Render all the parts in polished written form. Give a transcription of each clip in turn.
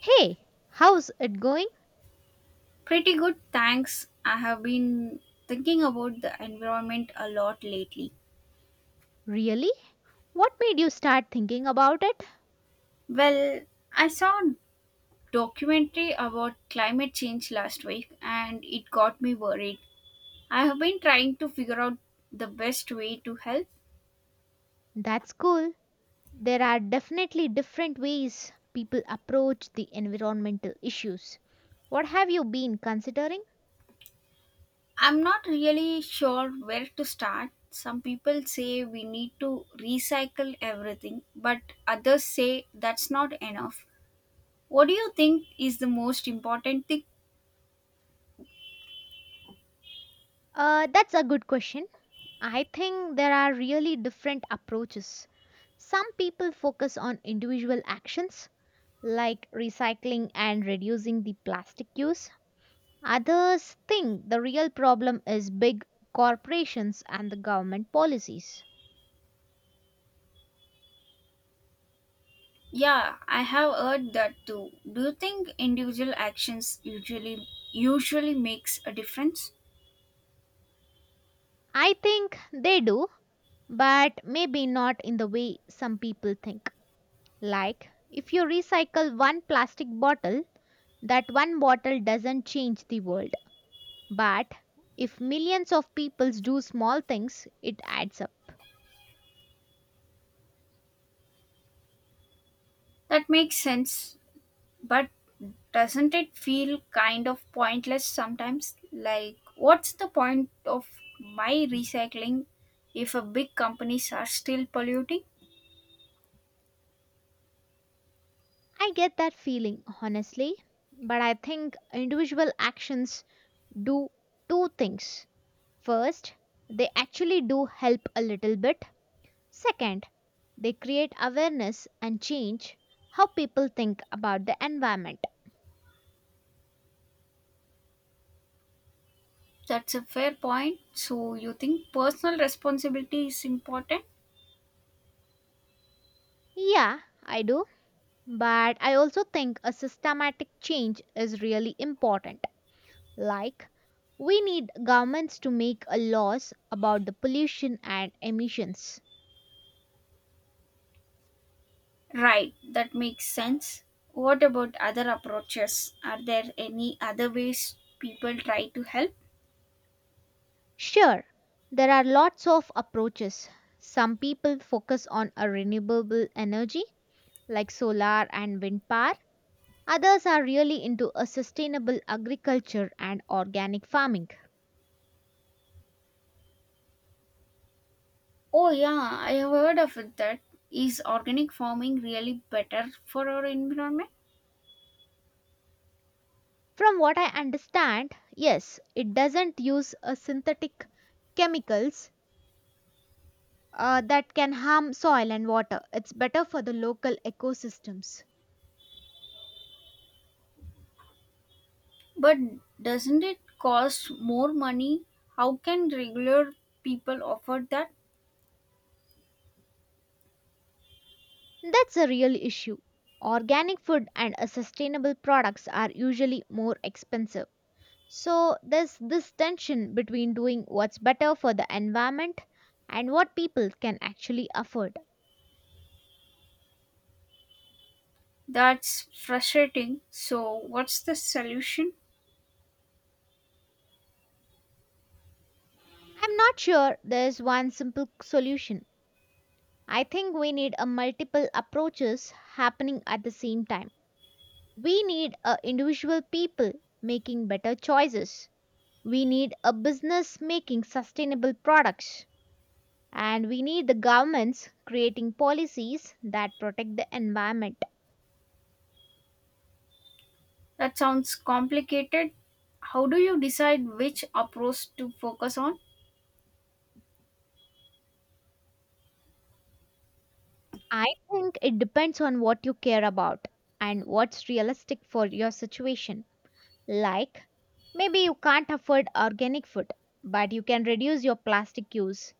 Hey, how's it going? Pretty good, thanks. I have been thinking about the environment a lot lately. Really? What made you start thinking about it? Well, I saw a documentary about climate change last week and it got me worried. I have been trying to figure out the best way to help. That's cool. There are definitely different ways people approach the environmental issues. What have you been considering? I'm not really sure where to start. Some people say we need to recycle everything, but others say that's not enough. What do you think is the most important thing? That's a good question. I think there are really different approaches. Some people focus on individual actions like recycling and reducing the plastic use. Others think the real problem is big corporations and the government policies. Yeah, I have heard that too. Do you think individual actions usually makes a difference? I think they do, but maybe not in the way some people think. Like, if you recycle one plastic bottle, that one bottle doesn't change the world. But if millions of peoples do small things, it adds up. That makes sense, but doesn't it feel kind of pointless sometimes? Like what's the point of my recycling if a big companies are still polluting? I get that feeling, honestly. But I think individual actions do two things. First, they actually do help a little bit. Second, they create awareness and change how people think about the environment. That's a fair point. So you think personal responsibility is important? Yeah, I do. But I also think a systematic change is really important. Like, we need governments to make a laws about the pollution and emissions. Right, that makes sense. What about other approaches? Are there any other ways people try to help? Sure, there are lots of approaches. Some people focus on a renewable energy like solar and wind power. Others are really into a sustainable agriculture and organic farming. Oh, yeah, I have heard of it that. Is organic farming really better for our environment? From what I understand, yes, it doesn't use a synthetic chemicals that can harm soil and water. It's better for the local ecosystems. But doesn't it cost more money? How can regular people afford that? That's a real issue. Organic food and sustainable products are usually more expensive. So there's this tension between doing what's better for the environment and what people can actually afford. That's frustrating. So, what's the solution? I'm not sure there's one simple solution. I think we need a multiple approaches happening at the same time. We need a individual people making better choices. We need a business making sustainable products, and we need the governments creating policies that protect the environment. That sounds complicated. How do you decide which approach to focus on? I think it depends on what you care about and what's realistic for your situation. Like, maybe you can't afford organic food, but you can reduce your plastic use.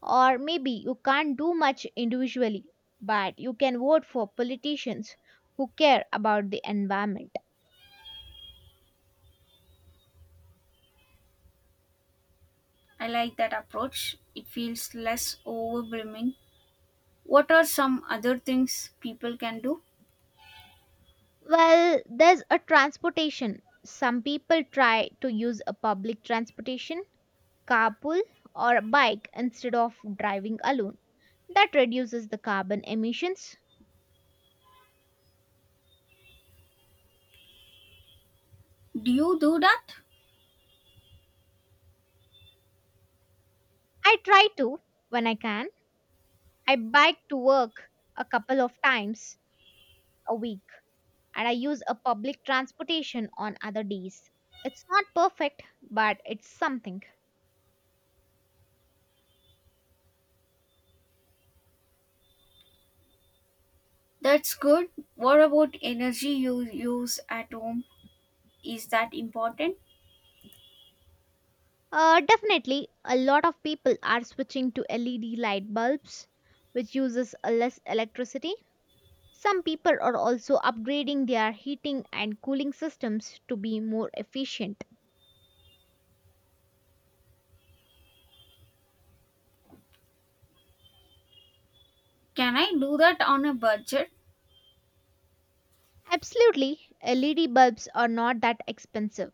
Or maybe you can't do much individually, but you can vote for politicians who care about the environment. I like that approach. It feels less overwhelming. What are some other things people can do? Well, there's a transportation. Some people try to use a public transportation, carpool, or a bike instead of driving alone. That reduces the carbon emissions. Do you do that? I try to when I can. I bike to work a couple of times a week, and I use a public transportation on other days. It's not perfect, but it's something. That's good. What about energy you use at home? Is that important? Definitely, a lot of people are switching to LED light bulbs, which uses a less electricity. Some people are also upgrading their heating and cooling systems to be more efficient. Can I do that on a budget? Absolutely, LED bulbs are not that expensive,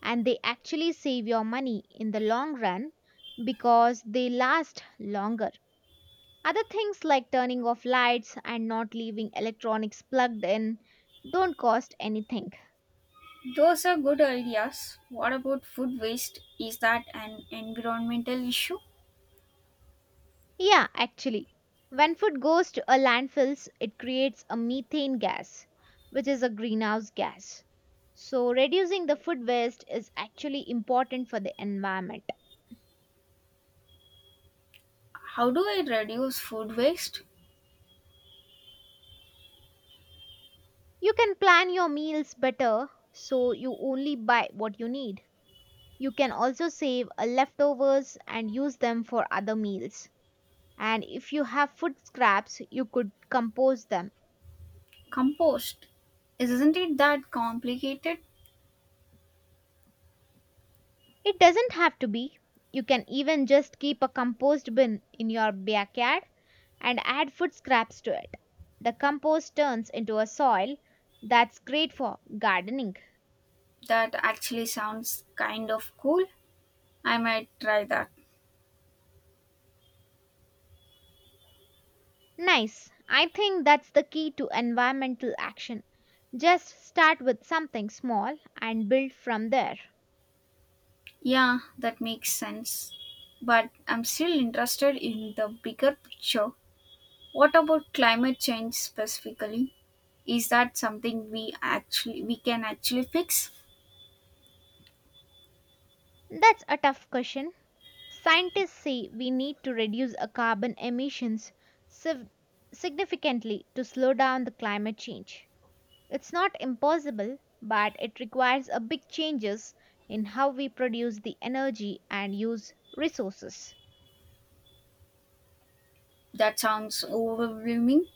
and they actually save your money in the long run because they last longer. Other things like turning off lights and not leaving electronics plugged in don't cost anything. Those are good ideas. What about food waste? Is that an environmental issue? Yeah, actually, when food goes to a landfills, it creates a methane gas, which is a greenhouse gas. So reducing the food waste is actually important for the environment. How do I reduce food waste? You can plan your meals better so you only buy what you need. You can also save leftovers and use them for other meals. And if you have food scraps, you could compost them. Compost. Isn't it that complicated? It doesn't have to be. You can even just keep a compost bin in your backyard and add food scraps to it. The compost turns into a soil that's great for gardening. That actually sounds kind of cool. I might try that. Nice. I think that's the key to environmental action. Just start with something small and build from there. Yeah, that makes sense. But I'm still interested in the bigger picture. What about climate change specifically? Is that something we can actually fix? That's a tough question. Scientists say we need to reduce our carbon emissions sig- significantly to slow down the climate change. It's not impossible, but it requires a big changes in how we produce the energy and use resources. That sounds overwhelming.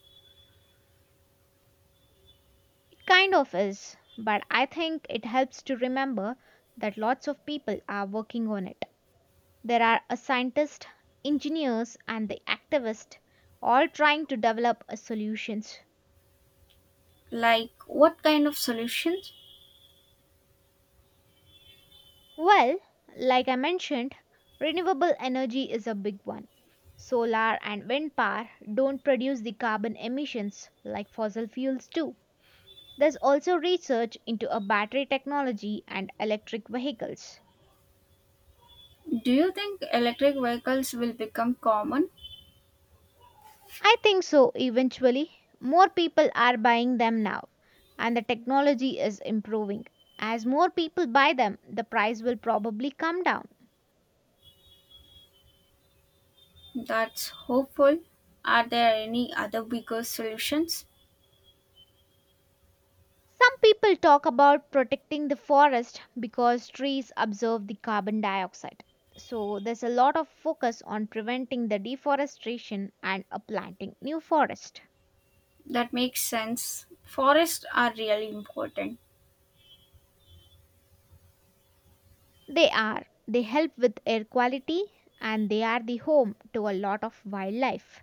It kind of is, but I think it helps to remember that lots of people are working on it. There are a scientist, engineers, and the activist all trying to develop a solutions. Like what kind of solutions? Well, like I mentioned, renewable energy is a big one. Solar and wind power don't produce the carbon emissions like fossil fuels do. There's also research into a battery technology and electric vehicles. Do you think electric vehicles will become common? I think so eventually. More people are buying them now, and the technology is improving. As more people buy them, the price will probably come down. That's hopeful. Are there any other bigger solutions? Some people talk about protecting the forest because trees absorb the carbon dioxide. So there's a lot of focus on preventing the deforestation and planting new forest. That makes sense. Forests are really important. They help with air quality, and they are the home to a lot of wildlife.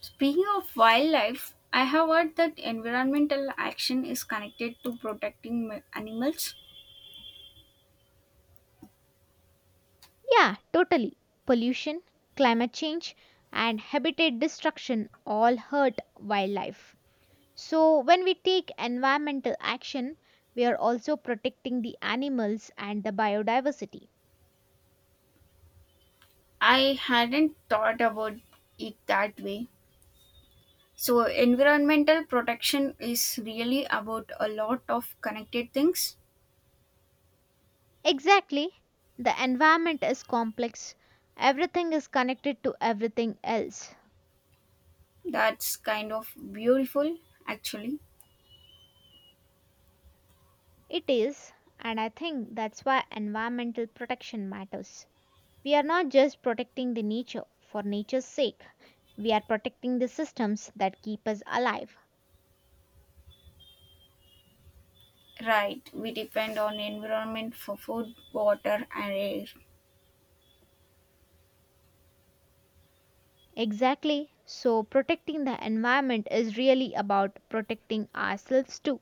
Speaking of wildlife, I have heard that environmental action is connected to protecting animals. Yeah, totally. Pollution, climate change, and habitat destruction all hurt wildlife. So, when we take environmental action, we are also protecting the animals and the biodiversity. I hadn't thought about it that way. So, environmental protection is really about a lot of connected things. Exactly. The environment is complex, everything is connected to everything else. That's kind of beautiful, actually. It is, and I think that's why environmental protection matters. We are not just protecting the nature for nature's sake, we are protecting the systems that keep us alive. Right, we depend on environment for food, water, and air. Exactly. So, protecting the environment is really about protecting ourselves too.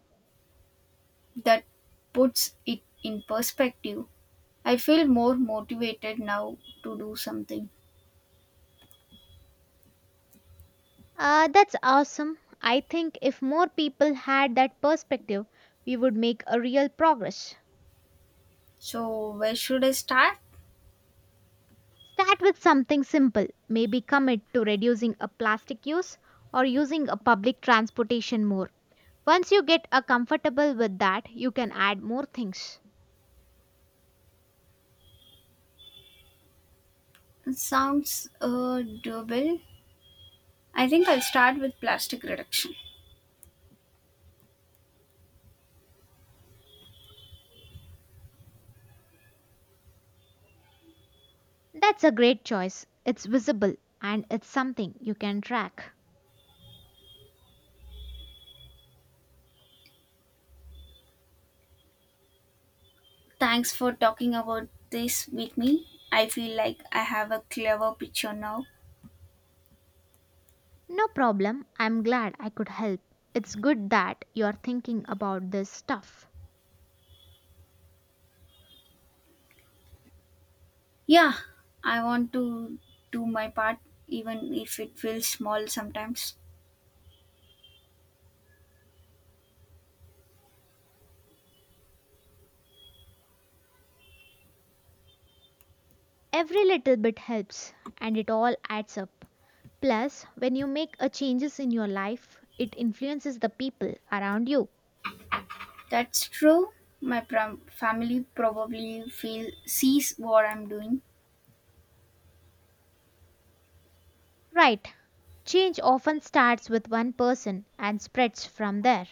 That puts it in perspective. I feel more motivated now to do something. That's awesome. I think if more people had that perspective, we would make a real progress. So, where should I start? Start with something simple, maybe commit to reducing a plastic use or using a public transportation more. Once you get a comfortable with that, you can add more things. It sounds doable. I think I'll start with plastic reduction. That's a great choice. It's visible, and it's something you can track. Thanks for talking about this with me. I feel like I have a clever picture now. No problem. I'm glad I could help. It's good that you're thinking about this stuff. Yeah, I want to do my part, even if it feels small sometimes. Every little bit helps, and it all adds up. Plus, when you make a changes in your life, it influences the people around you. That's true. My family probably feel sees what I'm doing. Right. Change often starts with one person and spreads from there.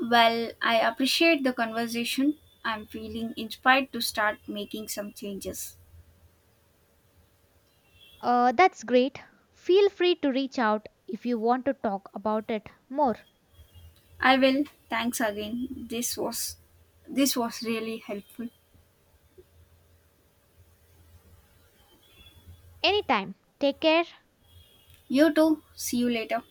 Well, I appreciate the conversation. I'm feeling inspired to start making some changes. That's great. Feel free to reach out if you want to talk about it more. I will. Thanks again. This was really helpful. Anytime. Take care. You too. See you later.